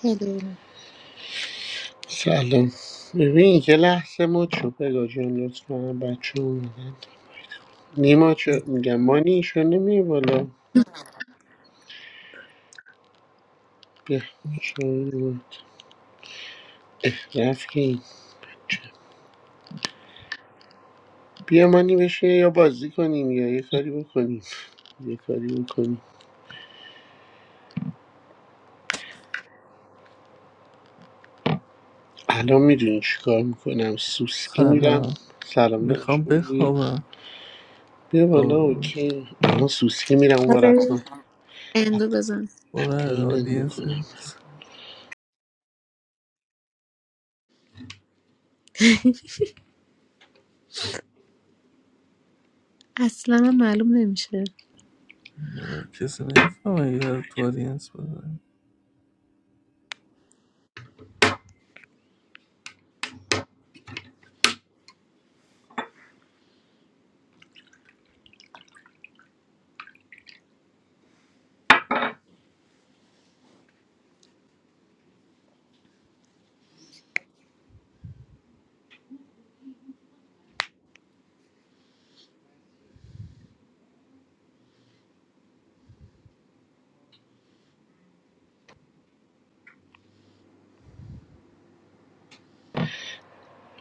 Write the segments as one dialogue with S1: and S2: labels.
S1: هلو
S2: سلام ببین یه لحظه ما چو بگا جان لطفا بچه اومدن نیما چه میگم مانی چه نمی بالا بیا چرا رفتی بیا مانی بشه یا بازی کنیم یا یه کاری بکنیم یه کاری بکنیم الان میدونی چی کار میکنم سوسکی میرم
S3: Sala,
S2: سلام
S3: we
S2: دارش
S3: can be happy.
S2: خوبی
S3: Come
S2: بیا بالا
S3: on,
S2: اوکی الان سوسکی میرم اون بر
S1: آره اندو بزن
S3: go to
S2: پایینت
S3: audience.
S2: میکنم
S3: But,
S1: اصلا هم معلوم نمیشه
S3: what is it? I want to audience. But,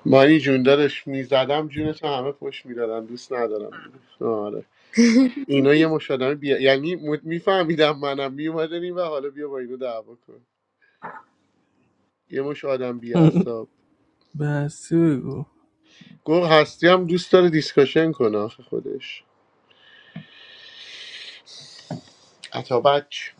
S2: مانی جون دادش میزدم جونتو همه پشت میدادم دوست ندارم آره اینا یه مش آدم بیا یعنی م... میفهمیدم منم میومدن این و حالا بیا با اینو دعوا کن یه مش آدم بی اعصاب
S3: what?
S2: گفت هستی هم دوست داره دیسکاشن کنه آخه خودش عطا بچ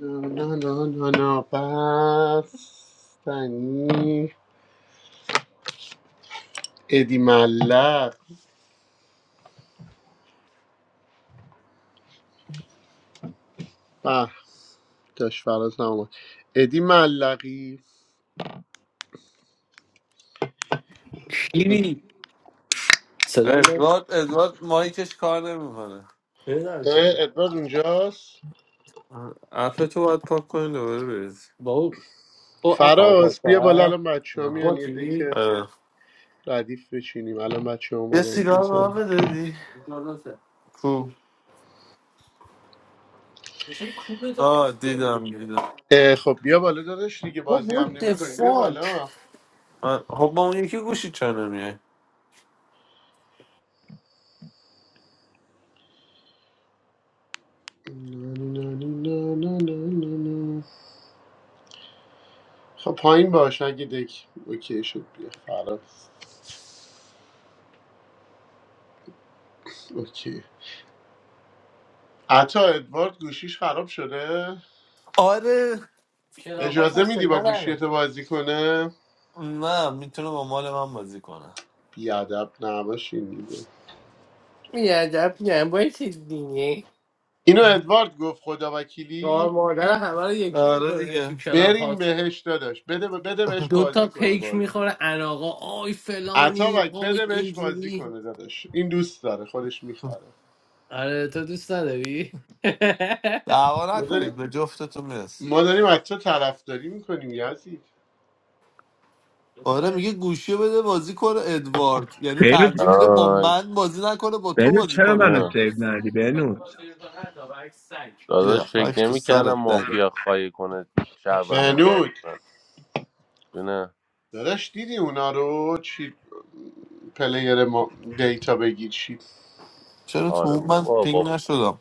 S2: نه نه نه نه بستنی ادی ملق به داشت فراز نمومد ادی ملقی
S4: شیری صدام نمی ادوارد ادوارد مایکش کار نمیکنه نمیدونم چی شد
S2: اه، ادوارد اونجاست
S4: اپ تو باید پاک کنی دوباره بریز با او او اپ ها باز
S2: فراز بیا بالا
S4: کرد
S2: الان بچه ها میان
S4: با
S2: یه
S4: چی؟
S2: دکه
S4: آره.
S2: ردیف بچینیم الان بچه ها
S4: یه
S2: اومدن
S4: سیگار به
S2: میزنن
S4: من دادی جلسه. کو چه کوبه داره؟ آه دیدم دیدم
S2: اه، خب بیا بالا داداش دیگه بازی
S4: بابا what
S2: هم
S4: the
S2: نمی بیا
S4: fuck
S2: بالا
S4: آه، خب با اون یکی گوشی چرا نمیای
S2: خب پایین باش اگه دک اوکی شد بیا فراز اوکی عطا ادوارد گوشیش خراب شده
S4: آره کلاپاس هم
S2: اجازه میدی
S4: صدا
S2: با
S4: نداره.
S2: گوشیت بازی کنه
S4: نه میتونه با مال من بازی کنه
S2: بیادب نباشین دیگه
S4: بیادب نباشید دیگه
S2: اینو ادوارد گفت خدا
S4: خار
S2: وکیلی
S4: مادر همه رو یکی آره میکنه تو دیگه کلاب ها
S2: برین بهش داداش بده بده بهش
S4: دو تا
S2: بازی کنه
S4: پیک
S2: باش
S4: میخوره اناقا آی فلانی
S2: عطابک
S4: آی
S2: بده بهش بازی
S4: اینجوری
S2: کنه داداش این دوست داره خودش میخواره
S4: آره تو دوست نداری دعوا
S2: ما داریم
S4: نکنید به جفتتون میرسه
S2: ما داریم از تو طرفداری میکنیم یزید
S4: آره میگه گوشی رو بده بازی کنه ادوارد یعنی
S5: بینود
S4: ترجیح میده با
S6: آی
S4: من بازی نکنه با تو
S5: بینود
S4: بازی
S5: چرا
S4: کنه
S5: منو
S4: تو
S6: نه
S5: سیو ندی بینود
S4: بیا
S6: داداش فکر
S4: خاک تو
S6: نمی کردم
S4: سرت داری
S6: مافیا خواهی کنه شعبان هزار
S2: بنود
S6: بزن نه
S2: داداش دیدی اونا رو چی پلیر ما دیتا بگیر چی
S4: چرا تو
S6: آره
S4: اون من
S6: بابا
S4: پینگ
S6: با,
S4: نشدم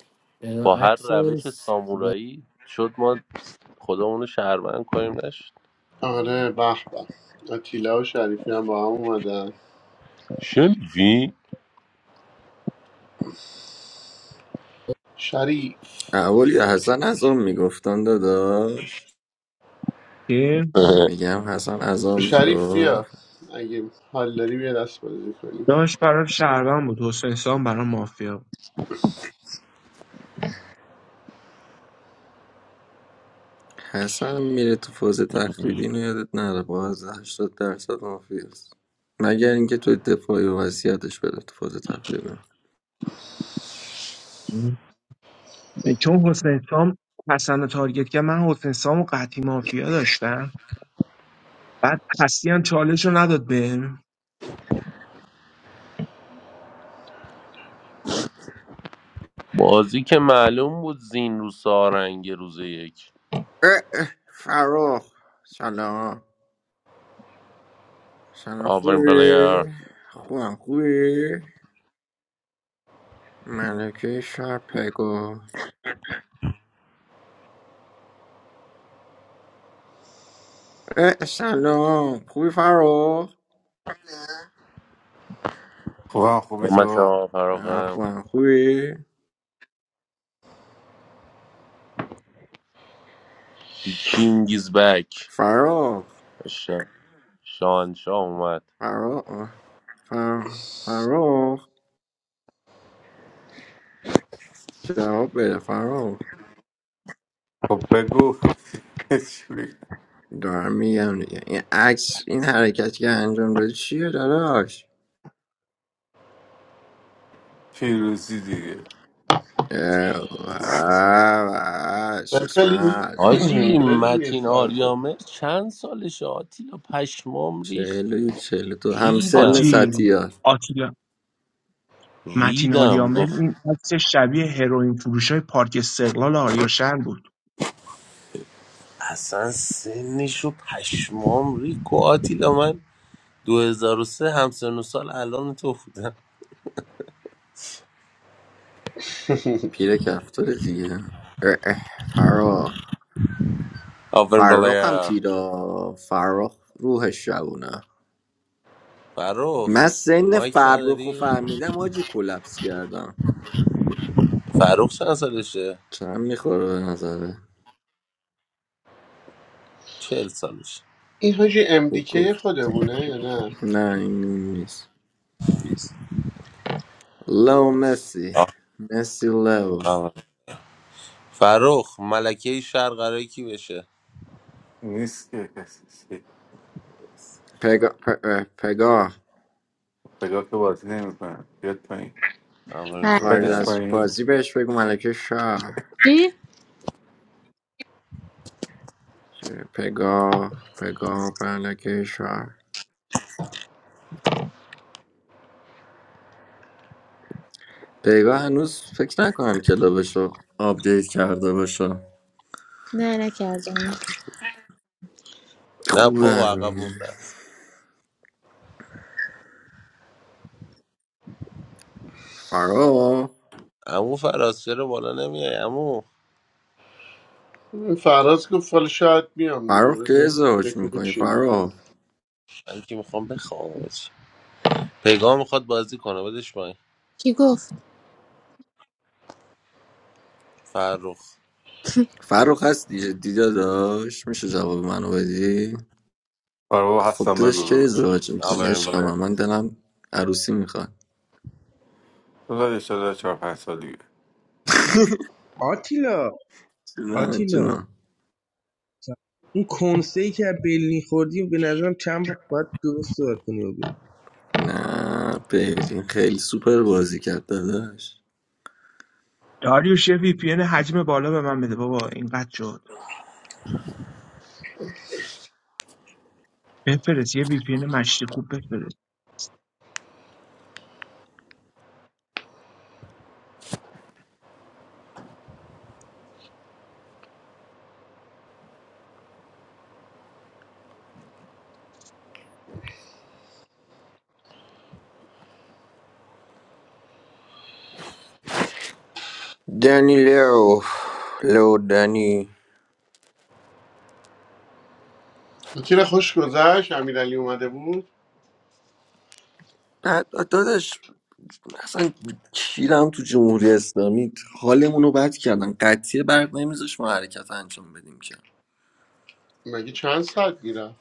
S6: با هر روش
S4: عکسش
S6: سامورایی شد ما خودمون شهروند کنیم نشد
S2: آره به به آتیلا و شریفی هم با هم اومدن
S6: شنیدی؟
S2: شریف
S7: اول یا حسن از اون میگفتن داداش
S5: این
S7: میگم حسن از اون
S2: شریف
S7: میگفت
S2: بیا اگه حال داری بیا دست بازی کنیم
S5: داشت برام شهروند بود حسین سام برام مافیا بود
S7: حسن میره تو فاز تخریبی اینو یادت نره باز 80 درصد مافی است مگر اینکه تو دفاعی و وصیتش بده تو فاز تخریبی اه،
S5: م. چون حسین سام حسن رو تارگت کرد من حسین سام و قطعی مافیا داشتم بعد هستی هم چالش رو نداد به
S6: بازی که معلوم بود زین رو سارنگ روز یک
S7: اه، فراخ سلام سلام
S6: آورین بلیر
S7: خوبی خوبم خوبی ملکه شهر پگاه اه، سلام خوبی فراخ
S8: واقعا خوبی
S6: اومد
S8: تو
S6: شما
S7: من
S6: فراغم
S7: خوبم خوبی
S6: دی کینگ از بک
S7: فراخ
S6: شان شاه اومد
S7: فراخ فر... فراخ جواب بده فراخ
S8: خب بگو چی بگم؟
S7: دارم میگم دیگه این عکس این حرکتی که انجام دادی چیه داداش
S8: پیروزی دیگه
S7: اه، اه، چشم
S2: بلکلی
S7: از
S6: حاجی
S2: بلکلی یه
S6: متین
S2: ساعته
S6: آریامر چند سالش آتیلا پشمام ریخت
S7: چهل و یک، چهل و دو هم سن
S6: ریدم
S5: آجی
S7: ساتیار
S5: آتیلا متین
S6: ریدم
S5: آریامل
S6: گفت
S5: این عکس شبیه هروئین فروش های پارک استقلال آریاشن بود
S6: اصلا سنشو پشمام ریخت گفت آتیلا من 2003 همسن و سال الان تو بودم
S7: پیر کفتار دیگه اه، اه، فراخ
S6: آفرین
S7: فراخ هم
S6: بلایا
S7: پیرا فراخ روحش جوونه من
S6: فروخ
S7: سن
S6: مایک
S7: فراخ رو
S6: نداری؟
S7: فهمیدم آجی کلپس کردم
S6: فروخ چند سالشه؟
S7: چند میخوره به نظره
S6: چهل سالشه
S2: این حاجی
S7: خوب
S2: MDK
S7: گفت
S2: خودمونه یا نه
S7: نه این اون نیست لو مسی
S6: آه،
S7: مسی لو
S6: آفرین فروخ ملکه شهر قراره کی بشه؟
S8: نیست که کسی
S7: پگا پ- پگاه
S8: بگو که بازی نمیکنم بیاد پایین
S6: آفرین
S1: هر
S7: خارج
S8: بدش
S6: بلایا
S7: از
S8: پایین
S7: بازی بهش بگو ملکه شهر
S1: چی؟
S7: پگاه پگاه ملکه شهر پگاه هنوز فکر نکنم کلابشو آپدیت کرده باشه
S1: نه نکردم
S6: نه بابا
S7: خوبه
S6: عقب مونده
S7: فرا
S6: عمو فراز چرا بالا نمیای عمو
S2: این فراز گفت حالا شاید بیام دیگه
S7: فرخ که
S2: بذار
S7: ازدواج
S2: دکو
S7: میکنی
S2: بچینیم
S7: فرخ
S6: من که میخوام بخوام پیگاه میخواد بازی کنه بدش پایین
S1: کی گفت
S6: فرخ
S7: فرخ هستی جدی داداش میشه جواب منو بدی
S8: آره بابا
S7: خب
S8: هستم بگو
S7: داداش که
S8: بگو
S7: ازدواج میکنی عشق
S6: آورین
S7: من من دلم عروسی میخواد
S8: بذار یه شده چهار پنج سال دیگه
S9: آتیلا
S7: نه
S9: آتیلا
S7: جونم
S9: اون کنسه ای که از برلین خوردی به نظرم چند وقت باید درست صحبت کنی و بری
S7: نه بیلین خیلی سوپر بازی کرد داداش
S5: داریوش یه وی پی حجم بالا به من بده بابا اینقدر شد بفرست یه وی پی مشتی خوب بفرست.
S7: دنی لو لو دنی
S2: تیر خوش گذشت امیرعلی اومده بود
S7: نه، داداش اصلا کیرم تو جمهوری اسلامی حالمون رو بد کردن قطعیه برق نمیذاش ما حرکت انجام بدیم که
S2: مگه چند ساعت میرم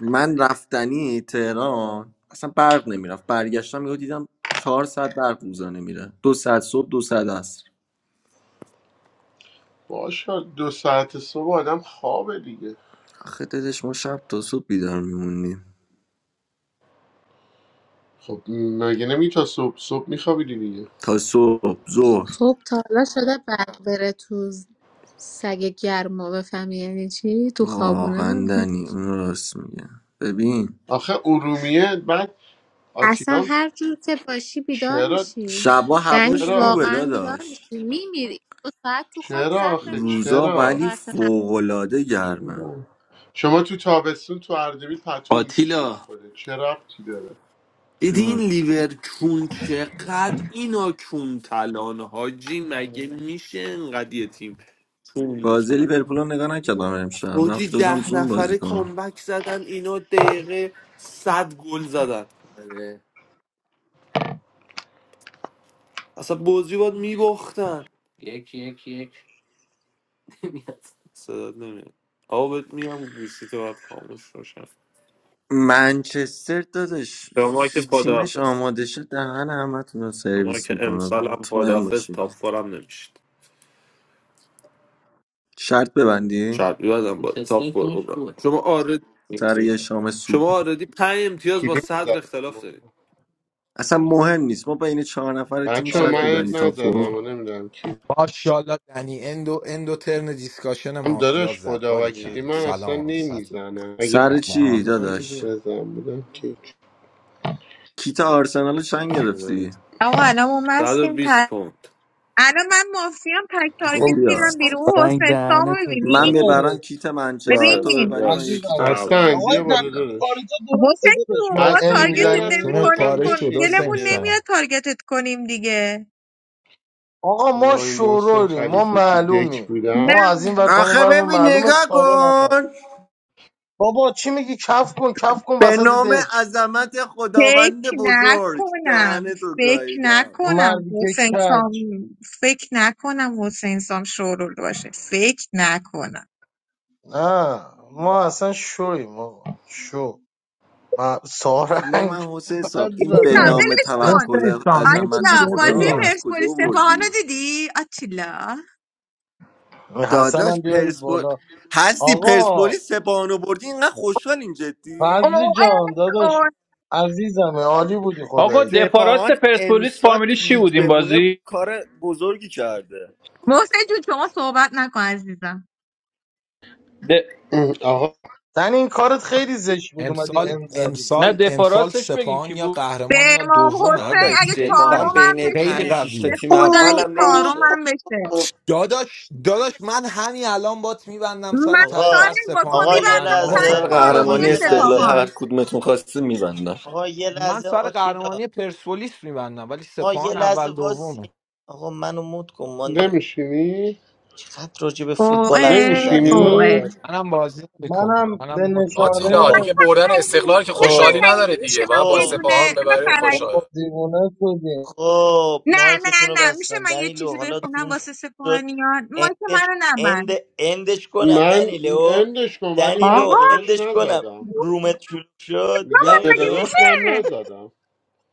S7: من رفتنی تهران اصلا برق نمیرفت برگشتم یهو دیدم چهار ساعت برق روزانه میره دو ساعت صبح دو ساعت عصر
S2: باشا دو ساعت صبح آدم خوابه دیگه
S7: آخه داداش ما شب تا صبح بیدار میمونیم
S2: خب مگه نمی تا صبح صبح میخوابیدی دیگه
S7: تا صبح ظهر
S1: صبح تا حالا شده برق بره تو سگ گرما بفهمی یعنی چی تو خوابونه
S7: واقعا دنی اون راست میگه ببین
S2: آخه ارومیه بعد
S1: اصلا
S2: آتیلام
S1: هر جور که باشی بیدار
S2: چرا
S1: میشی
S7: شبا
S1: یعنی
S7: هواش
S2: چرا
S7: خوبه
S1: واقعا بیدار
S7: داداش
S1: میشی میمیری دو ساعت تو خواب
S2: چرا
S1: زهر
S2: آخه
S1: مار
S7: روزا
S2: چرا
S7: ولی
S1: انگار
S7: فوقالعاده گرمه
S2: چرا شما تو تابستون تو اردبیل پتو میکشی
S4: آتیلا
S2: رو خودت چه ربطی داره
S4: دیدی این
S7: چون
S4: لیورکون چقدر اینا کون تلان حاجی مگه میشه انقدر یه تیم کون
S7: بازی
S4: تلان
S7: لیورپول رو نگاه نکردم امشب
S4: حاجی
S7: رفته بودم
S4: ده
S7: زوم بازی
S4: نفره
S7: کنم
S4: کامبک زدن اینا دقیقه صد گل زدن آره اصلا بازی باید میباختن یک یک یک صدات نمیاد آقا بهت میگم گوشی تو باید خاموش روشن
S7: منچستر داداش
S4: شما که
S7: تیمش
S4: پادافز
S7: آماده شد دهن همتون رو
S4: شما
S7: سرویس
S4: که
S7: میکنه و
S4: امسال هم
S7: مطمئن
S4: پادافز
S7: باشین
S4: تاپ فورم نمیشید
S7: شرط ببندی
S4: شب یادم با تاپ تسلا فور کارش بودم شما
S7: سر
S4: آردی
S7: یه شام سوپ
S4: شما آردی پنج امتیاز با
S2: کلیم
S4: صدر
S2: زدم
S4: اختلاف دارید
S7: اصلا مهم نیست ما بین چهار نفر تیم
S2: بچه ها
S7: شرط
S4: آره
S2: من
S7: میبندی تا
S4: نیستی شما
S2: نزدم
S7: فوق
S2: و
S4: شما
S2: نمیدونم کی
S10: ماشاءالله دنی اندو اندو ترن دیسکاشن
S2: هم
S10: مافیا
S2: داداش
S10: زد
S2: خدا
S10: باری
S2: وکیلی
S10: کلا
S4: یک
S2: من
S4: یک
S2: اصلا
S4: یک
S10: سلام سلام
S2: نمیزنم اگه
S7: سر چی
S10: سلام.
S4: آی که دو
S7: داداش
S2: بزن بودم که
S7: کیت آرسنال رو چند گرفتی
S11: آقا الان ما مستیم ت-
S4: پوند
S11: الان من مافیام تک
S7: خب
S11: تارگت
S2: ام،
S11: میرم
S7: بیار
S11: بیرون
S12: Sorry,
S11: حسین سامو
S12: Dana. Today
S11: ببینی
S7: من
S12: I'm not
S7: ببرم کیت منچستر
S11: ببین
S7: تو
S4: باشه
S7: ببری من یه
S4: باش
S13: عزیزم
S7: کیت
S4: او.
S7: آرسنال
S2: حسن
S13: آقای
S7: دیگه
S2: بیا
S13: در
S2: بالا
S7: میگیرم
S13: کار
S2: داداش
S13: تو درست
S11: حسین
S13: صدا داشت
S11: جون
S13: من
S11: ما
S2: فضلی
S11: تارگتت
S2: بیا از
S13: میزنی
S11: نمی
S10: جونت
S2: خودت هم
S11: کنیم
S10: پاره شد
S2: بشین
S10: حسین
S11: گلمون
S2: دیگه
S11: نمیاد
S10: سام
S11: تارگتت کنیم دیگه
S13: آقا ما
S2: وای محسن
S13: شورولیم ما
S2: خلیفه تو دک
S13: معلومیم
S2: بودم
S13: ما
S11: نه
S13: از این ور تا اون
S7: آخه
S13: ور ما
S7: ببین
S13: معلومه
S7: نگاه
S13: سارا
S7: کن
S13: نفهمید بابا چی میگی کف کن کف کن
S7: به
S13: وسط
S7: نام
S13: دک
S7: عظمت خداوند
S11: فکر
S7: بزرگ
S11: نکنم
S7: دهن تو
S11: فکر
S7: گاییدم
S11: نکنم
S13: مردی که
S11: حسین سام
S13: کج
S11: فکر نکنم حسین سام شورول باشه فکر نکنم
S13: نه ما اصلا شویم آقا شو ما
S7: جون
S13: سارنگ
S7: من حسین
S13: بعد
S7: صاحب این به
S11: آتیلا
S5: حسین
S13: زدم
S7: نام
S11: ولش کن
S5: حسین
S7: توکل
S5: سام یه
S7: عظمت
S5: چیزی
S11: آتیلا
S5: بهت
S11: بازی
S7: خدا
S5: بگم
S10: ببین
S7: از کجا
S11: پرسپولیس سپاهانو
S7: آوردی
S11: دیدی آتیلا
S13: حسن
S7: داداش
S13: هم بیارید
S7: پرسپول
S13: بالا
S7: هستی
S13: آقا
S7: پرسپولیس سپاهانو بردی اینقدر خوشحالین جدی
S13: فضل جان داداش
S11: اوه
S13: عزیزمه عالی بودی
S14: آقا
S13: خدایی
S14: دفاراست
S7: سپاهان
S14: پرسپولیس
S7: امسال تو
S14: فامیلیش چی بود
S7: لیگ
S14: این
S7: بمونه
S14: بازی
S7: کار بزرگی کرده
S11: محسن جون شما صحبت نکن عزیزم
S14: د...
S2: آقا
S13: زن این کارت خیلی زشت بود اومدی
S10: امسال
S13: ام زدی
S14: نه
S10: امسال امسال
S14: دفاراستش بگین
S10: سپاهان
S14: کی
S10: یا
S14: بود
S10: قهرمان
S11: به
S10: یا
S11: امام
S10: دوم
S11: حسین
S10: عمو
S7: داداش
S11: اگه
S10: خیلی
S7: سپاهان
S11: چهارم
S10: قویه
S11: هم
S7: بین
S10: خیلی
S7: پنج
S11: بشه
S7: شش تا
S11: به
S10: قویه
S7: تیم
S11: خدا
S7: اول
S11: اگه
S7: هم
S15: آقا
S11: چهارم
S7: نمیشه
S11: هم بشه
S10: داداش داداش من همین الان بات میبندم سر
S11: من
S10: ته
S11: سارنگ
S10: فصل
S11: با تو
S10: سپاهان
S15: آقا
S10: یا
S15: یه
S11: میبندم
S10: قهرمان
S13: آبا
S11: سر
S10: یا
S7: مثلا
S15: لحظه
S10: نه
S13: خفه شو
S15: آقا
S11: چهارمی
S7: قهرمانی
S15: یه
S10: قهرمان
S13: دیگه
S7: استقلال
S15: لحظه
S7: هر
S11: سپاهان
S7: از کدومتون خواسته میبندم
S15: آقا یه
S10: من
S15: لحظه
S10: سر
S15: آتیلا
S10: قهرمانی پرسپولیس میبندم ولی
S15: آقا یه
S10: سپاهان اول
S15: لحظه واسی
S10: دومه
S15: آقا منو مut کن مانی
S2: نمیشینی؟
S15: چقدر راجع به فوتبال حرف
S11: اوه
S15: میزنین
S13: دیوانه
S2: نمیشینی؟
S11: اوه
S13: کردی
S10: منم بازی
S13: منم
S10: میکنم منم
S13: به
S10: مت کنم.
S13: نشانه
S16: آتیلا
S15: خب
S16: دیگه بردن
S11: فرعی.
S16: استقلال که
S11: حسن
S16: خوشحالی
S15: خب
S11: رحیمی
S16: نداره
S11: میشه
S16: دیگه
S11: من
S16: باید با
S11: یه
S15: خب
S11: دونه
S16: سپاهان ببریم
S11: حسن رحیمی
S16: خوشحال
S13: بابا دیوانه شدی
S15: خب
S11: نه نه
S15: مایکتون رو
S11: نه میشه
S15: بستم
S11: من یه
S15: دنیلو
S11: چیزی
S15: حالا
S11: بخونم
S15: روم
S11: واسه
S15: شد
S11: سپاهانیان ما که
S15: اندش
S11: منو
S15: اند
S11: نبند
S15: اندش کنم
S2: من
S15: دنیلو
S2: اندش کن ولی من به
S15: دنیلو
S11: آقا
S2: داداش
S15: اندش کنم
S2: نزدم
S15: رومت شروع شد
S11: بابا
S2: میگم به
S11: مگه
S15: دنیلو
S2: داداش من
S11: میشه
S2: نزدم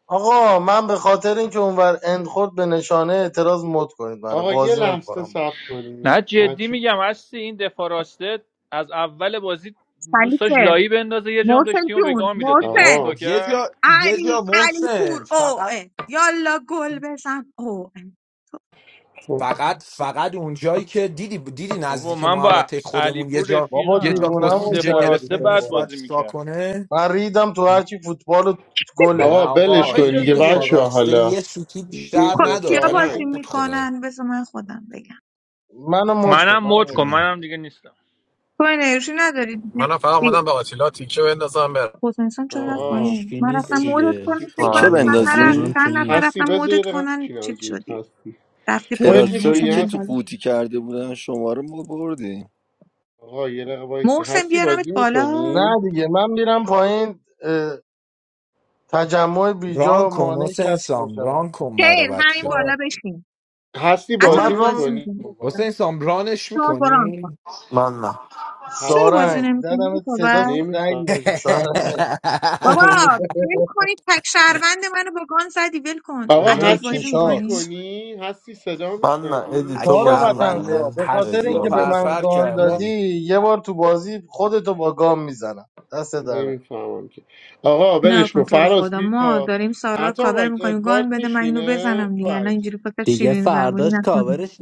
S13: آقا من به خاطر اینکه اونور اند خورد به نشانه اعتراض مد کنید منو
S2: آقا یه
S13: بازی
S2: لحظه
S13: نمیکنم با
S2: صبر کنی
S14: نه جدی
S2: بچه.
S14: میگم هستی این دفاراسته از اول بازی دوست داشت
S11: سلیته
S14: لایی بندازه یه جام داشت
S11: محسن
S14: تیمو به
S11: جون
S14: گام میداد دیدی
S11: محسن
S2: آقا
S14: چیکار
S10: یه
S14: کرد
S10: جا یه جا
S11: علی علی
S10: محسن
S11: پور
S10: فقط
S11: اوه یالا گل بزن اوه
S2: خب.
S10: فقط فقط اونجایی که دیدی دیدی
S14: بابا
S10: نزدیک
S14: من با
S10: محوطه خودمون یه
S14: علیپور
S10: جا
S13: بابا
S10: یه جا
S14: رفیقم نه اون
S13: دیوونهمون
S10: کسیجه گرفت
S14: دفاراسته
S13: کردید به
S14: بعد
S10: نمیدونست باید
S13: قرآن.
S14: بازی
S10: چیکار
S14: میکرد
S10: کنه
S13: من ریدم تو هرچی فوتبال و گله
S10: نه
S2: آقا بلش
S10: آقا
S13: خفه
S10: این
S2: کن
S13: شو
S10: این
S2: دیگه
S10: دفاع
S2: بچه
S13: دیگه
S2: ها
S10: راسته
S2: حالا
S10: یه سوتی بیشتر
S11: خب
S2: نیست
S11: کیا
S10: نداد ولی
S11: بازی
S10: خوب
S2: سارنگ
S10: بود خدای
S11: میکنن بذار من خودم بگم
S13: منو مد کن
S14: منم مد
S13: منو مد
S14: کن
S10: جونم
S13: کن
S14: منم دیگه نیستم
S11: تو انرژی نداری دیگه
S16: منم فقط
S11: ای،
S16: اومدم به آتیلا تیکه بندازم برم
S11: حسین سان چرا رفت
S2: آقا
S11: پایین
S12: interested.
S11: من
S12: I'm
S11: رفتم
S2: بش
S11: مودت کنم
S2: بازی
S11: فکر
S7: تیکه
S11: کنم
S4: من
S2: کنین
S4: نه
S11: چند نفر
S7: بندازی
S12: not
S11: چند نفر
S12: interested.
S2: هستی
S11: رفتم
S2: بذار یه
S11: مودت
S2: دقیقه
S11: کنن
S2: بشینم
S11: چیز
S2: زود
S11: شدی
S2: هستی
S11: رفتی
S2: خودت
S11: پایین
S7: ترابزوری
S2: میشینی
S11: حسین
S7: که
S11: بیا
S7: تو
S2: هست
S11: بالا
S7: قوطی کرده بودن شما رو ما بردیم
S2: آقا یه دقیقه وایسی
S11: محسن
S2: هستی
S11: بیارمت
S2: بازی
S11: بالا
S2: میکنی
S13: نه دیگه من میرم پایین اه، تجمع
S10: ران
S13: بیجا
S10: کن
S13: مانع
S10: حسین
S13: کسب
S10: سام ران
S13: میشم
S10: کن برا
S11: خیر همین
S10: بچه
S11: بالا
S10: ها
S11: بشین
S2: هستی
S13: آ
S11: حتی
S2: بازی
S13: من رام
S11: بازی
S2: میکنی
S11: میکنی
S13: بکنم
S10: حسین سام رانش
S11: تو بران کن
S10: میکنی؟
S4: من نه
S11: چرا بازی
S2: هستی
S13: سارنگ
S11: نمیکنی
S13: زدم صدا
S11: تو؟
S13: سنگ
S2: نمیفهم
S13: دادی
S2: چی
S13: سارنگ
S11: بابا ول کنید تک شهروند منو با گان زدی ول کن
S2: آقا
S11: عطا
S13: جلوی
S11: بازی
S2: هستی
S13: چشات
S11: میکنی
S2: میکنی هستی صدا
S4: من نه
S2: میشنوی
S4: ادی
S10: اگه
S4: تو
S13: سارا
S4: بازی
S13: وطن
S10: شهروند
S13: خواه
S4: میکنی
S13: به خاطر
S10: هستی و
S13: اینکه
S4: ادیان
S13: به
S4: بازی
S13: من
S10: فرفر
S4: می‌کنه.
S13: گان
S4: نه
S10: کردی
S13: دادی یه بار تو بازی خودتو با گام میزنم دست دارم
S2: نمیفهمم که آقا
S11: نه
S2: ولش کن
S11: کن تو رو
S2: فراز
S11: خدا ما
S2: بیا
S11: داریم سارا رو
S2: عطا
S11: کاور
S2: بک
S11: میکنیم گان
S2: ادوارد
S11: بده من اینو
S2: میشینه
S11: بزنم دیگه الان
S2: بک
S11: اینجوری فقط
S12: Today you didn't
S11: شیرین
S12: fulfill
S11: زبونی
S12: your
S11: نکنیم
S12: duty.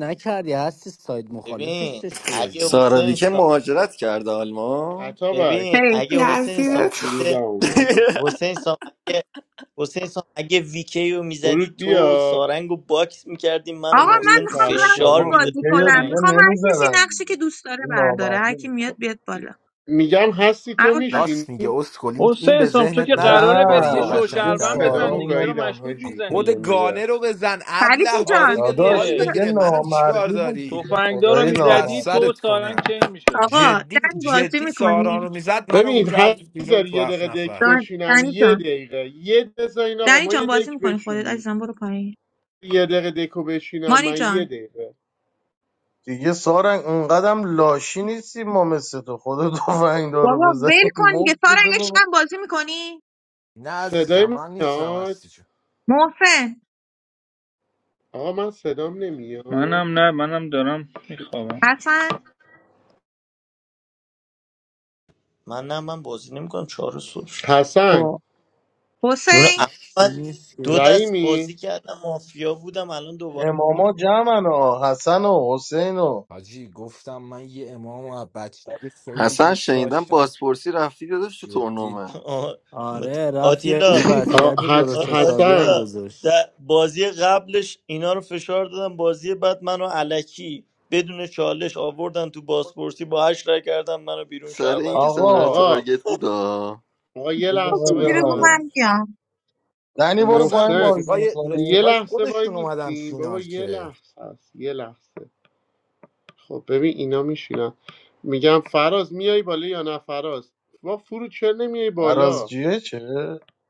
S15: ببین اگه
S7: ساراوی
S15: حسین
S7: که
S15: سان
S7: مهاجرت کرده آلمان
S2: عطا بک
S15: ببین
S11: حیف.
S15: اگه
S17: Yeah, I
S15: حسین
S17: see
S2: و
S15: سام
S17: that.
S15: خود
S2: فرودم اومد
S15: حسین سام اگه حسین سام اگه ویکی رو میزدی
S2: فرود
S15: تو
S2: بیا
S15: سارنگ رو باکس میکردی من و
S11: آقا من
S2: بشین
S15: محسن
S11: میخوام
S2: فراز
S11: رنگ
S15: فشار
S2: هم
S13: بابا
S2: می‌ش-
S15: میده
S11: بازی
S13: ویکی رو
S11: کنم
S15: سارنگ
S13: دیگه
S11: میخوام هر کسی
S13: نمیزدم
S11: نقشی که
S13: دیگه
S11: دوست داره
S13: این
S11: برداره هر
S13: نامردی
S11: کی
S13: بود
S11: میاد بیاد بالا
S2: میگم هستی تو
S11: عباس
S2: میشینی
S10: راست میگه اسکلینگ این
S14: حسین
S10: به
S14: سام تو
S10: ذهنت
S14: که
S13: نه
S14: قراره
S10: نرسید
S14: بری
S10: بازی
S14: یه
S10: رو
S2: من خ-
S13: دیگه
S14: شوشربن
S10: قشنگتر
S13: سارا
S14: بزن
S10: کنی
S2: صدامو
S14: دیگه
S13: رو
S14: چرا
S13: نمی-
S2: گاییدم
S14: مشکوک
S2: حاجی که
S10: خود
S14: میزنی
S2: نمیره
S10: گانه رو بزن
S11: فرید
S10: ابله
S14: آره
S10: بازی
S11: جان
S10: به
S13: داداش
S10: حال
S11: چطور-
S14: دیگه
S13: دیگه
S10: بده منو چیکار
S13: نامردی بود
S10: داری
S13: دیگه
S14: تفنگدار رو
S13: خدای
S10: آک بس
S14: میزدی
S13: نامردی
S14: تو و
S10: سرت
S14: سارنگ
S10: کنم
S14: چین میشدین
S11: آقا
S10: جدی
S11: دنی بازی
S10: جدی سارا
S11: میکنی
S10: رو میزد منو
S2: ببین هر
S10: میکرد بیرون
S2: بذار
S10: تو
S2: یه
S10: هفت
S2: دقیقه دک
S10: نفر
S2: بچینم
S11: دنی
S2: یه
S11: جان
S2: دقیقه یه دقیقه بذار این آقا
S11: دنی
S2: ما یه
S11: جان بازی
S2: دک
S11: میکنی خودت
S2: بچینیم
S11: عزیزم برو پایین
S2: یه دقیقه دکو بچینم
S11: مانی
S2: من
S11: جان
S2: یه دقیقه
S13: دیگه سارنگ اونقدم لاشی نیستی ما مثل تو خدا تفنگدار
S11: بابا
S13: رو
S11: ول
S13: بزنیم
S11: کن دیگه سارنگ
S13: مفتشو ببن
S11: عشقم بازی میکنی
S10: نه
S2: صدای
S10: عزیزم
S2: من
S10: من نیستم هستی
S2: میاد
S10: جون
S11: محسن
S2: آقا من صدام نمیاد
S14: منم نه منم دارم میخوابم
S11: حسن
S15: من نه من بازی نمیکنم چهار صبح شد
S2: حسن
S11: با
S15: جون
S11: حسین
S15: عمو من دو دست
S2: رحیمی
S15: بازی کردم مافیا بودم الان دوباره
S13: اماما جمعن ها حسن و حسین و
S10: حاجی گفتم من یه امام و بچگی خیلی
S7: حسن
S10: دوست
S7: شنیدم
S10: داشتم
S7: بازپرسی رفتی داداش تو
S10: جدی
S7: تورنمنت
S15: آه، مت- آتیلا
S2: آ- حس...
S15: آ-
S2: حسن
S15: آتیلا در بازی قبلش اینا رو فشار دادم بازی بعد منو علکی بدون چالش آوردن تو بازپرسی با هشت رای کردن منو بیرون
S7: سر
S15: شهروند
S7: اینکه
S15: خوند
S7: سناریو
S13: آقا
S2: آقا
S7: تارگت بود آه.
S2: آقا یه
S13: یه
S11: خب
S2: لحظه
S13: دقیقه
S11: چیزی رو گو
S2: وایسا
S13: ببند
S15: آره
S11: من بیام
S13: دنی برو
S10: اصلا
S13: پایین
S2: محسن
S13: بازی
S10: رفیقای
S2: یه
S13: میکنی
S10: رفیقای
S2: لحظه وای
S10: خودشون اومدن
S2: میسیم بابا
S10: فینال
S2: یه
S10: که
S2: لحظه است یه لحظه خب ببین اینا میشینن میگم فراز میای بالا یا نه فراز با فرود چرا نمیای
S13: فراز
S2: بالا
S13: جیه چه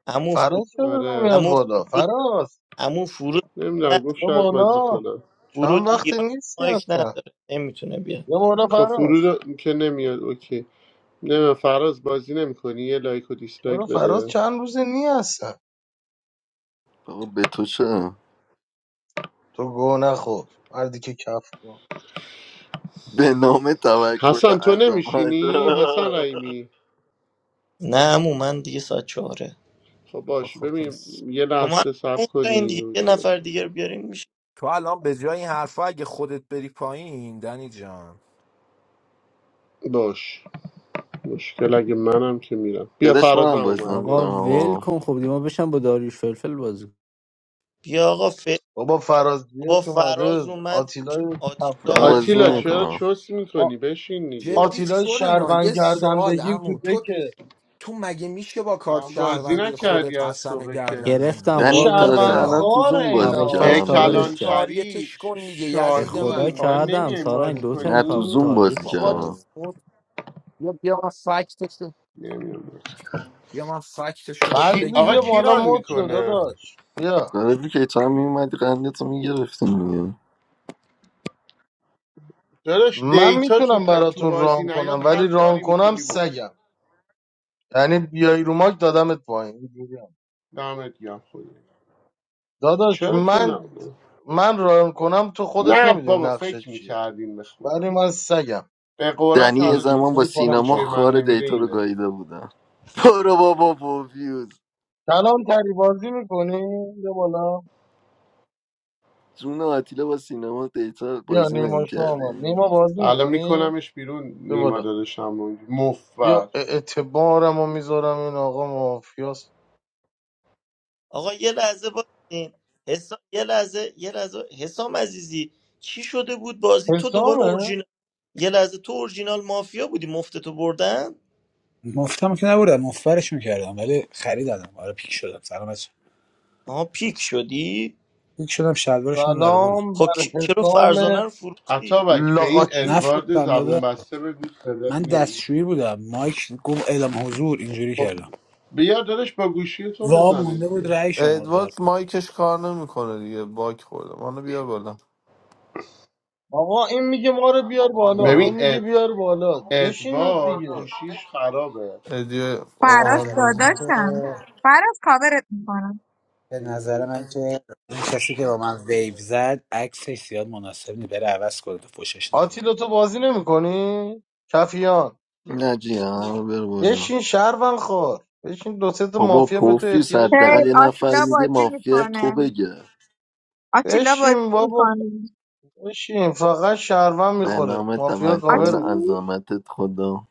S15: عمو فرود
S13: فراز چرا
S2: آره
S13: نمیاد
S15: عمو
S13: بالا
S15: فرود
S13: فراز
S15: عمو فرود
S2: نمیدونم
S15: نه
S2: گفت
S13: یا
S2: شاید بازی
S13: بالا
S2: کنم
S13: چند
S15: فرود
S13: وقتی
S15: ایران
S13: نیستی
S15: مایک
S13: هستن
S15: نداره نمیتونه بیاد
S13: یه بالا
S2: خب فرود
S13: فراز
S2: رو که نمیاد اوکی نمیدونم فراز بازی نمیکنی یه لایک و دیسلایک
S13: چرا فراز
S2: بده
S13: چند روزه نی هستن
S7: بابا به تو چه
S13: تو گو نخور مردی که کف کن
S7: به نام توکل
S2: حسن تو
S7: عظمت
S2: نمیشینی حسن رحیمی
S15: نه عمو من دیگه ساعت چهاره
S2: خب باش ببین یه
S15: شما
S2: لحظه
S15: نه
S2: صبر
S15: تا این
S2: کنین
S15: دیگه
S2: رو
S15: یه نفر
S2: جاشو.
S15: دیگه
S2: شد.
S15: رو بیارین میشه
S10: تو الان به جای این حرفا اگه خودت بری پایین دنی جان
S2: باش مشکل اگه منم که میرم بیا
S7: داداش
S2: فرازم
S7: منم بازی
S2: اومد بریم
S7: نمیکنم
S15: بیا آقا ف...
S13: بابا فرازیه
S15: بابا
S13: که اومده
S15: فراز اومد
S13: آتیلای
S2: تو
S15: آتیلا
S7: من
S13: افغان
S15: هست
S7: بازی
S2: آتیلا
S15: دنی
S2: چرا
S7: نمیکنم
S2: چوس
S13: آ-
S2: میکنی بشین دیگه
S10: جدی
S13: آتیلای
S10: شورنا
S13: شهروند
S10: یه
S13: کردن
S10: سوال
S13: بگیر تو
S10: امو تو
S13: دکه
S10: تو مگه میشه با کارت
S2: آه، بازی
S10: شهروندی
S2: نکردی
S10: خودت
S2: از
S10: حسن
S2: صبح که
S10: گردن نگیری
S13: این
S7: دنی
S10: جدی
S7: تازه
S13: شهروند
S7: الان
S10: چرا
S7: تو
S13: خاره
S7: زوم بازی
S13: اینا
S2: اه،
S7: کردم
S10: داداش
S7: داداش
S2: کلانتری
S10: تاریتش
S2: ش-
S10: کن دیگه یزید من
S2: شاهین اینا
S10: تاریتش
S2: نمیایم
S10: کن
S2: بازی
S7: نه
S10: دیگه
S12: You're against
S7: تو
S2: کنیم
S7: زوم
S12: the
S7: بازی
S10: بابا
S12: side.
S7: کردم
S10: جان، بیا بیا من فکتش رو-
S2: نمیایم
S10: بیا من فکتش رو بهت
S2: کی...
S13: فضلی
S2: آقا
S10: بگم
S13: بیا
S10: اینجا
S13: بالا
S2: کیران
S10: سر
S13: مد شد
S10: کلت
S2: میکنه
S10: من
S13: داداش بیا
S7: داره بی که تو هم میومدی قنده تو میگرفتیم دیگه
S2: داداش
S13: من
S2: دیتا تو,
S13: میتونم
S2: پ... تو
S13: براتون
S2: بازی
S13: ران
S2: نیاد
S13: کنم
S2: هر
S13: ولی ران
S2: کاری
S13: کنم
S2: میکنی بکن
S13: سگم یعنی بیای رو ماک دادمت پایین اینجوری هم.
S2: دمت گرم خدا
S13: داداش
S2: چرا که
S13: من
S2: نه
S13: من ران کنم تو خودت
S2: نه
S13: نمیدونی
S2: بابا
S13: نقشه
S2: فکر
S13: چیه
S2: میکردین به خدا
S13: ولی من سگم
S2: به قرآن
S7: دنی یه
S2: تنها
S13: اینجوری
S2: چیزی
S7: زمان با
S2: که تو
S13: میکنم
S7: سینما
S2: پاچه
S13: پایین
S2: من
S7: خار
S2: نمیره
S7: دیتا رو
S2: اینه
S7: گاییده بودم برو بابا پوفیوز
S13: کلان تری بازی میکنی یه بالا
S7: جون آتیلا با سینما دیتا
S13: بیا
S7: بازی
S13: نیما شاه آمد
S7: نمیکردی
S13: نیما بازی
S2: الان
S13: میکنی؟
S2: میکنمش بیرون
S13: بیا
S2: نیما
S13: بالا
S2: داداشم رو
S13: بیا
S2: مفر
S13: اعتبارم رو میذارم این آقا مافیاس
S15: آقا یه لحظه بازین حسام یه لحظه یه لحظه حسام عزیزی چی شده بود بازی تو دوباره
S13: حسامه
S15: اورجینال یه لحظه تو اورجینال مافیا بودی مفتتو بردن
S18: مفتم که نبردم مفبرشون کردم ولی خریدم آره پیک شدم سلام بچه
S15: آها پیک شدی
S18: پیک شدم شلوارشون هم در آوردم
S13: سلام
S15: خب
S13: بر
S15: کی- چرا
S13: حسام
S15: فرزانه رو فروختی
S2: اتابک به این
S13: لاقاچی
S2: ادوارد
S18: نفروختم
S2: زبون
S18: داده
S2: بسته بگو صدات
S18: من
S2: نمیاد
S18: دستشویی بودم مایک گفت اعلام حضور اینجوری
S2: خب
S18: کردم
S2: بیار داداش با گوشی تو
S18: وا
S2: بزنه
S18: مونده بود
S2: دیگه
S18: رأی شما رو دارم
S4: ادوارد مایکش کار نمیکنه دیگه باک خورده منو بیار بالا
S13: آقا این میگه ما رو بیار بالا
S2: ببین
S13: اون
S4: نه
S13: میگه
S2: اد...
S13: بیار بالا بشینید
S2: ادوارد
S13: دیگه
S2: گوشیش خرابه
S4: ادی
S18: به
S4: آقا
S11: فراز
S4: من
S18: نظر
S4: بازی
S18: من که
S4: می‌کنم.
S11: داداشم فراز کاورت میکنم
S18: به
S2: ام.
S18: نظر من که اون کسی که با من ویو زد عکسش زیاد مناسب نیست بره عوض کنه تو فوشش ندادم
S13: آتیلا تو بازی نمیکنی؟ کفیان
S7: نه جی برو بالا
S13: بشین شهرون خور بشین دو سه تا
S7: بابا
S13: مافیا به تو
S7: پوفیوس
S13: احتیاج
S7: حداقل
S11: هی
S7: یه
S13: داره
S7: نفر
S11: آتیلا
S7: میگه
S11: بازی
S7: مافیا تو
S11: میکنه
S7: بگه
S11: آتیلا بازی
S13: بشین بابا
S11: میکنی
S13: بشین فقط شهرون
S7: به
S13: میخوره
S7: نام
S13: مافیا کاور
S7: توکل
S13: می‌کنه.
S11: آتیل
S7: عظمتت خدا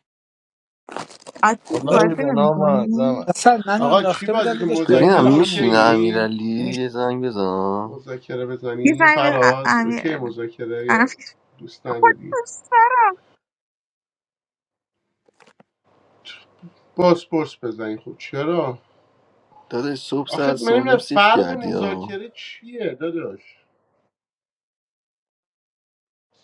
S11: آتیل
S18: داداش
S13: الهی
S11: بازی
S13: به نام اعظم
S11: نمیکنی
S13: است
S18: اصلا منو
S2: آقا چی
S18: انداخته بودن
S2: بازی که
S18: داداش دقیقا
S7: ببینم
S18: با
S2: مذاکره اوکی
S18: همون
S7: میشینه
S18: گروه
S2: این
S7: امیرعلی
S18: این
S7: یه زنگ بزن
S2: مذاکره
S11: یه
S2: بزنیم
S11: زنگ به ا-
S2: فراز
S11: امیر
S2: اوکی
S11: امیر-
S2: مذاکره یا دوست
S11: خود تو
S2: نداری
S11: سرم
S2: باسپورس بزنیم خب چرا
S7: داداش صبح
S2: آخه
S7: سر
S2: من نمی‌دونم
S7: سونیم سیخ
S2: فرق
S7: کردی ها
S2: مذاکره چیه داداش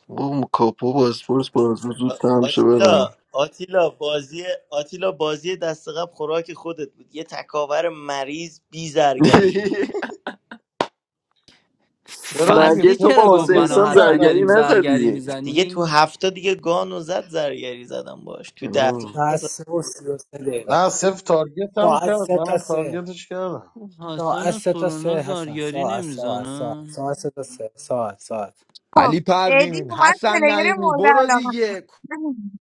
S7: با کاپو بازپرس بازو زود
S15: آ-
S7: تمام شه
S15: آتیلا
S7: برم
S15: آتیلا بازی آتیلا بازی دست قبل خوراک خودت بود یه تکاور مریض بی زرگری
S13: چرا دیگه
S7: مگه
S12: فضلی
S7: تو
S13: صفر
S12: چرا
S7: با
S12: گفت
S7: حسین
S12: من
S13: تارگتت
S7: سام
S12: و حسن
S13: کردم
S7: زرگری
S12: داریم
S13: دیگه
S12: زرگری
S7: نزدی
S15: دیگه تو
S12: میزنیم؟
S15: هفته دیگه گان زد زرگری زدم باش تو ده تا
S7: آه،
S18: ساعت
S15: نزد.
S18: سه و سی و سه دقیقه
S13: نه صفر تارگت هم
S18: ساعت
S13: کرد
S18: سه تا
S13: منم
S18: سه
S13: تارگتش کردم
S18: ساعت
S12: حسن و
S18: سه تا
S12: سورنا
S18: سه هستن
S12: زرگری
S18: ساعت ساعت ساعت
S12: نمیزنن
S18: ساعت سه تا سه ساعت ساعت
S11: خب
S10: علی
S11: ادی
S10: پروین
S11: اومد
S10: حسن
S11: پلیر
S10: نعیمی
S11: مورد
S10: برو
S11: علاقه
S10: دیگه
S11: وایسا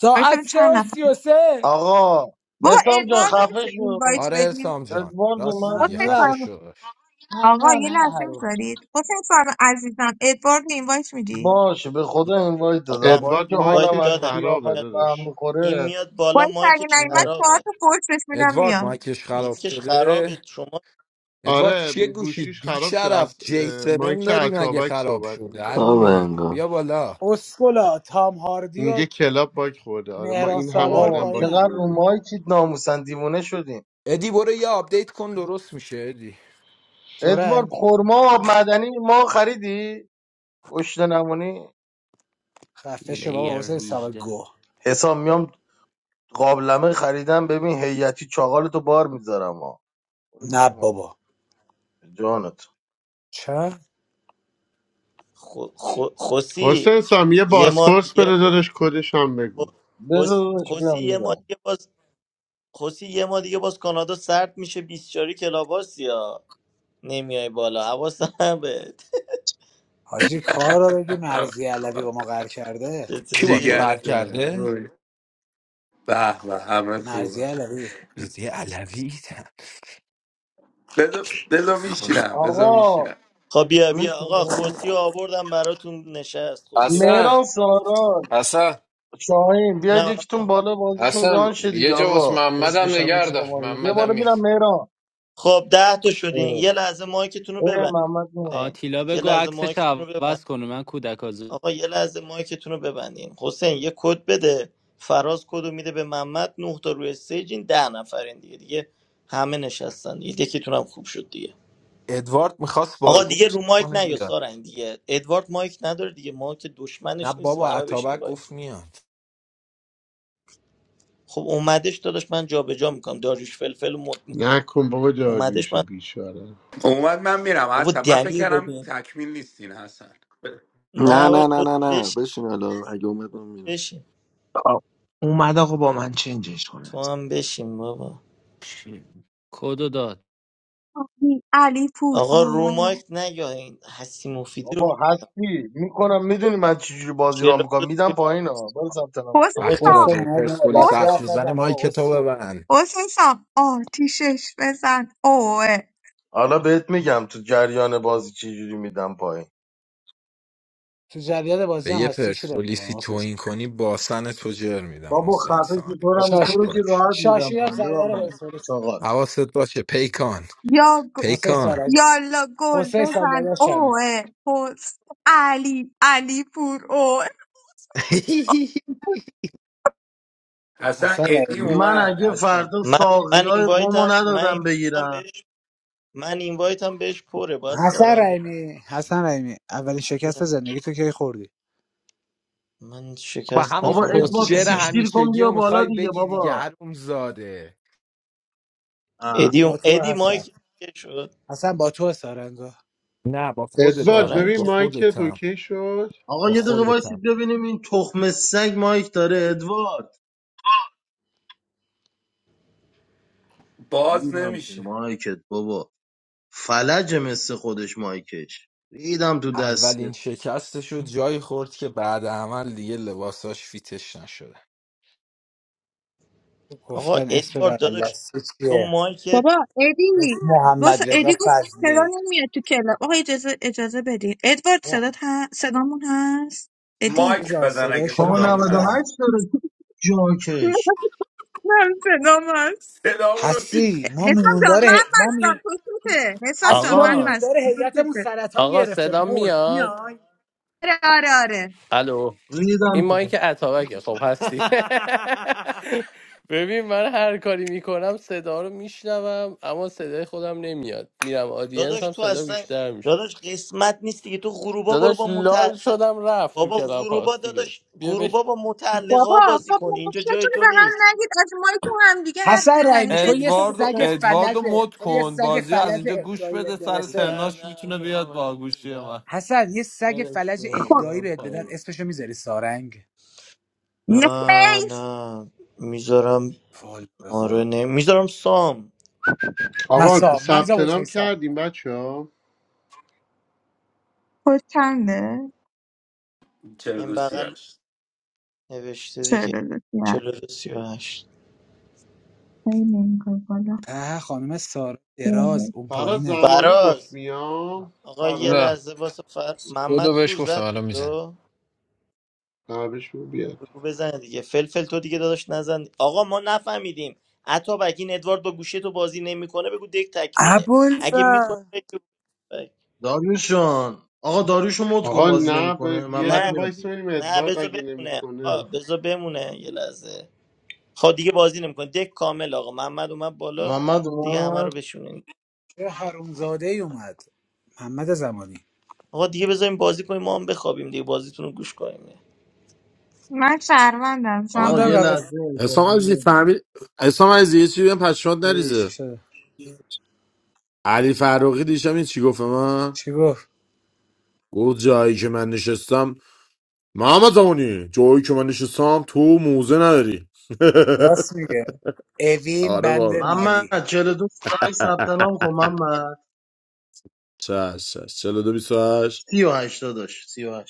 S18: ساعت
S11: ببینم
S18: سه
S11: چند
S18: و
S11: نفر
S18: سی و سه
S13: آقا
S11: بابا
S13: حسام جان
S11: ادواردو
S13: خفه
S11: میشه
S13: شو
S11: اینوایت
S10: آره
S11: بدیم
S10: حسام جان
S13: ادوارد
S10: راست
S13: اومد
S10: میگه
S11: حسین
S10: خفه
S18: ممنونم
S11: فرم
S10: شدش
S11: آقا
S18: ممنونم
S11: یه
S18: نه
S11: لحظه
S18: هرو
S11: میذارید حسین فرم عزیزم ادوارد اینوایت میدی
S13: باشه به خدا اینوایت دادم
S15: آقا من
S13: با
S2: ادوارد
S13: اینکه حالم
S15: باید
S13: از
S2: مایکش
S15: دادم این
S2: خرابه
S15: میاد,
S13: قیافش به هم
S2: دادش
S15: این
S13: میخوره
S15: میاد بالا
S11: باید اگه
S15: مایکش
S11: نایمت چهار
S15: خرابه
S11: تا فرسش میدم
S10: ادوارد
S11: میاد
S10: مایکش خراب
S15: میکش
S10: شده
S15: خرابه شما
S10: ادوارد
S2: آره
S10: چیه گوشید
S2: گوشیش
S10: بی
S2: خراب شد
S10: شرف
S2: از
S10: جی
S2: اه،
S10: 7
S2: مایک
S10: داری مگه
S2: اتابک
S10: خراب
S2: صحبت
S10: شده
S2: میکرد
S7: خواب
S10: عرومی
S7: انگار
S10: بیا بالا
S18: اسکولا تام هاردی و
S2: میگه کلاب باگ خورده آره ما
S18: مهران
S2: این همه
S18: سالار
S13: آقا
S2: آدم باگ
S13: چقدر
S18: پایینن
S13: رو
S2: خوردیم
S13: مایکید ناموسن دیوونه شدیم
S10: ادی برو یه آپدیت کن درست میشه ادی
S13: ادوارد
S18: سرنگ
S13: خورما آب معدنی ما خریدی؟ گشت نمونی
S18: خفه شو بابا
S12: لیر
S18: حسین سابه
S12: 18
S18: گو
S13: حسام میام قابلمه خریدم ببین هیئتی چاغالتو بار میذارم برو زیر
S18: نه
S13: مایک.
S18: بابا
S13: جانت
S18: چه؟
S15: خو... خو... خوسی
S2: حسین سام یه
S15: یه ما
S2: باسپورس
S15: یه
S2: بده دادش کدش هم بگو
S15: خو- خوس...
S13: بذارش
S15: خوسی
S13: بیام
S15: یه ما
S13: میگم
S15: دیگه باز خوسی یه ما دیگه باز کانادا سرد میشه 24 کلاباسی ها نمیای بالا حواسم بهت
S18: حاجی کار رو بگی مرزی علوی با ما قهر کرده
S10: کی با تو
S15: چطوری
S10: قهر
S19: Jigaretta,
S10: کرده
S19: boy, bah, bah, amakula.
S18: مرزی علوی
S10: رضی علوی
S19: Beso, beso, michina, beso,
S13: آقا
S19: michina.
S15: خب بیا بیا آقا
S13: میشینی
S15: خوسی رو آوردم براتون نشست خوسی رو بدم
S20: Assam,
S13: مهران سارال
S20: Assam,
S13: شاهین بیاید
S15: نه
S13: یکیتون
S15: عمو.
S13: بالا بازیشون
S20: Assam.
S13: ران شه
S20: Ye
S13: دیگه
S20: jo was
S13: آقا
S20: Muhammad
S13: اسم
S20: ne
S13: شب
S20: garda,
S13: ایستگاه بیا
S20: Muhammad
S13: بالا
S20: mil.
S13: میرم مهران
S15: خب ده تا شدین
S13: اه
S15: یه لحظه مایکتون رو
S13: اه،
S15: ببندین
S13: محمد نو.
S12: آتیلا
S15: یه
S12: بگو
S15: لحظه
S12: عکسش
S15: مایکتون رو
S12: عوض
S15: ببندین
S12: کنه من کودک آزار
S15: آقا یه لحظه مایکتون رو ببندین حسین یه کد بده فراز کد رو میده به محمد نه تا روی استیجین ده نفرین دیگه دیگه همه نشستن دیگه یکیتون هم خوب شد دیگه
S10: ادوارد میخواست با
S15: آقا دیگه
S10: گفت
S15: رو مایک
S10: کنه
S15: نه یا
S10: بیاد
S15: سارنگ دیگه ادوارد مایک نداره دیگه ما که
S10: نه
S15: دشمنش نیستیم
S10: بابا
S15: همه بشین
S10: عطابک گفت
S15: باید
S10: میاد
S15: خب اومدش داداش من جابجا میکنم داریوش فلفل رو مد میکنم
S2: نکن بابا
S15: اومدش
S2: داریوش
S15: من
S2: بیچاره
S19: Oğuz, mən mən mən,
S15: بابا
S19: Hasan.
S15: دنی رو
S19: Məfikəram,
S15: ببین
S19: tamamı listin Hasan.
S7: نه
S15: نه بابا
S7: نه نه
S15: خود
S7: نه نه
S15: بشین
S7: بشین حالا اگه اومد من میرم
S15: بشین
S5: آه، اومد آقا با من چنجش کنه
S15: تو هم بشین بابا
S12: کدو داد
S11: علی علی پور
S15: آقا رو
S11: آه
S15: مایک نه یا این حسی مفیدی رو
S13: بابا
S15: ببین.
S13: هستی میکنم میدونی من چجوری بازی ران میکنم
S15: 42
S13: میدم
S15: سی-
S13: پایین ها برو ثبت نام کن.
S11: حسین
S15: آقا
S10: وقتی
S18: حسین
S11: سام
S10: راجع به
S18: نه
S10: پرسپولیس
S18: لاتی
S11: حسین
S10: حرف
S18: حرف
S10: میزنه
S18: نزن بابا
S10: مایک تو
S18: اسکو
S10: ببند
S11: حسین سام آتیشش بزن اوه
S13: حالا بهت میگم تو جریان بازی چجوری میدم پایین
S18: تو جریان بازی
S10: به
S18: هم
S10: یه
S18: هستی کی رو
S10: پرسپولیسی
S18: میکنه
S10: توهین کنی باسن تو جر میدم
S13: بابا
S10: حسین
S13: خفه
S10: سان
S13: شو، تو رو
S10: حواست
S13: تو
S18: شاشی
S13: رو که
S10: باش
S13: راحت میدم
S18: شاشی هم
S13: پایین ببر
S18: سردر
S13: مایک
S18: پرسپولیس
S13: چاقال
S10: حواست باشه پیکان
S11: یا گ-
S18: حسین
S10: پیکان
S18: سارمی
S11: یالا گل
S18: حسین
S11: بزن
S18: ساندادا شمی
S11: اوه حس علی علی پور اوه
S19: Hasan,
S18: حسن
S19: ediyim
S18: رحیمی
S13: من
S19: oğuz,
S13: اگه
S19: Hasan.
S13: فردا
S15: من
S13: ساقی
S15: من
S13: های قومو
S15: اینوایتم من
S13: ندادم
S15: اینوایتم
S13: بگیرم
S15: بهش من اینوایتم بهش پره باید
S18: حسن
S15: سارنگ
S18: رحیمی حسن رحیمی اولین شکست زندگی تو کی خوردی
S15: من
S10: با
S15: شکست
S10: همون
S13: بابا
S15: نخوردم تو
S13: ادوارد
S10: کسچر
S15: زندگی
S13: سیکشتیر کن
S10: همیشگی
S13: بیا
S10: رو
S13: بالا
S10: میخوای
S13: دیگه
S10: بگی دیگه
S13: بابا
S10: حروم زاده
S13: اه.
S15: ادی
S18: با
S15: اون-
S18: تو
S15: ادی
S18: حسن
S15: مایک که شد
S18: حسن با تو سارنگا
S10: نه با
S2: ادوارد
S10: خودتم
S15: سارنگ
S2: ببین
S10: با
S15: که
S2: مایکت
S10: خودتم
S2: اوکی شد
S13: آقا
S10: با
S13: یه دقیقه وایسید
S10: خودتم
S13: ببینیم این تخم سگ مایک داره ادوارد ریدم
S19: Başlamı
S13: تو
S19: şe.
S13: مایکت بابا فلج مثل خودش مایکش ریدم تو
S10: اولین
S13: دستت
S10: شکستشو جایی خورد که بعد عمل دیگه لباساش فیتش نشده.
S15: آقا
S18: گفتن اسم
S15: ادوارد داداش
S18: برالدستی
S15: تو
S18: چیه
S15: مایکت
S11: بابا
S18: اسم
S11: ادی واسه
S18: محمد رضا
S11: ادی گفت صدا
S18: فضلی
S11: نمیاد تو کلاب آقا اجازه اجازه بدین ادوارد
S18: اوه،
S11: صدات ه... صدامون هست ادی
S18: هستی
S19: Mike,
S18: جان
S19: bəzən
S18: صدای
S19: əgər
S18: شما
S13: کان
S18: همیشه
S19: sadağınas,
S18: هست
S13: 98 داره جاکش
S11: من صدام هست
S19: sadağınas.
S18: هستی ما
S11: حسام جان
S18: میموندار ه...
S11: من
S18: ما می...
S11: مستم تو سوته حسام
S18: هستی
S11: جان
S18: ما
S11: من
S4: آقا
S11: مستم
S18: میموندار
S11: تو
S18: هیئتمون
S11: سوته
S18: سرطان
S4: آقا
S18: گرفته
S4: صدا
S18: مرد
S4: میاد
S18: میای
S11: آره آره آره
S4: الو
S13: ریدم
S4: این
S13: تو
S4: مایک اتابکه خب هستی ببین من هر کاری میکنم صدا رو میشنوم اما صدای خودم نمیاد میرم آدینس
S15: داداش
S4: هم
S15: تو
S4: صدا
S15: اصلا
S4: بیشتر میشه
S15: داداش قسمت نیست دیگه تو غروبا برو
S4: داداش
S15: با
S4: لال
S15: مت
S4: شدم رفت تو
S15: بابا
S4: کلاب
S15: غروبا
S4: هاست دیگه
S15: داداش
S4: بیا بش
S15: غروبا با متعلقا
S11: بابا
S15: بازی
S11: خب
S15: کن اینجا جای
S11: نقشتون به
S15: تو
S11: هم
S15: نیست
S11: نگید از مایی که هم دیگه حرف
S18: حسن
S11: بزنیم
S18: رحیمی
S11: چه
S18: تو یه
S4: ادواردو
S11: اشکالی
S18: سگ
S11: داره
S4: ادواردو
S18: فلجه
S4: مد
S18: تو یه
S4: کن
S18: سگ
S4: بازی رو از
S18: فلج
S4: اینجا گوش
S18: اهدایی
S4: بده
S18: بهت
S4: سر نه
S18: برسه
S4: ترناش نه میتونه بیاد با برم گوشی نه من
S18: حسن یه سگ
S4: برش
S18: فلج
S4: کن
S11: خب
S18: اهدایی بهت بدن اسمشو میذاری سارنگ
S11: نه
S15: نه
S11: خیر
S15: نه میذارم
S18: فال به
S15: آره
S18: قرآن
S15: نه میذارم سام
S2: آقا
S18: مسا من
S2: ثبت
S18: میذارم
S2: نام
S18: حسین سام
S2: کردیم بچه ها
S11: خود چنده
S15: این
S19: Çəldu
S15: بغل
S19: siyəş.
S15: نوشته
S11: چه
S15: دیگه
S11: دلتی هست؟
S15: چلو دو سی و هشت
S11: خیلی نمی‌کنی بالا.
S18: اه خانم سارا دراز
S11: بله
S18: اون
S2: فرا
S18: پایینه
S2: زمانی گفت
S15: فراز
S2: میام
S15: آقا یه
S20: Una,
S2: فرا
S15: لحظه واسه فر...
S20: kooda
S15: محمد
S20: ve
S15: کو
S20: shkofta,
S15: زد
S20: malamiza.
S15: کدو
S2: نوش بیا
S15: رو بزنه دیگه فلفل تو دیگه داداش نزن آقا ما نفهمیدیم اتابک این ادوارد با گوشی تو بازی نمیکنه بگو دک تکمیله اگه میکنه
S18: ابوالفضل
S15: بگو
S13: داریوشان آقا داریوشو مد کن
S2: آقا
S13: بازی
S2: نه به
S13: نمیکنه
S2: یه
S13: محمد
S2: دقیقه
S15: نه
S13: میاد
S2: وایس
S13: دیگه.
S2: بریم
S15: نه
S2: ادوارد
S15: بذار
S2: اگه
S15: بمونه آقا
S2: نمیکنه
S15: بذار بمونه یه لحظه خب دیگه بازی نمیکنه دک کامل آقا محمد اومد بالا
S13: محمد
S15: دیگه همه
S13: اومد
S15: رو بشونین
S18: چه حرومزاده ای اومد محمد زمانی
S15: آقا دیگه بذاریم بازی کنیم ما هم بخوابیم دیگه بازیتون رو گوش کنیم
S11: من شهروندم
S13: آقا
S18: مادر
S13: یه
S11: زمانی
S18: قبل
S13: لحظه
S21: اسلام
S13: اجازه
S21: عزیزی
S13: بدید.
S21: فهمید اسلام عزیزی یه چی بگم پس شاد
S18: چی
S21: نریزه
S18: شده
S21: علی فراقی دیشب این چی گفت به من
S18: چی گفت
S21: گفت جایی که من نشستم محمد زمانی جایی که من نشستم تو موزه نداری
S18: راست میگه اوین
S21: آره
S18: بند
S21: واقعا
S18: مالی
S13: محمد 42 38 ثبت نام کن محمد
S21: چش چش 42 28
S13: 30 و 80 داشت 30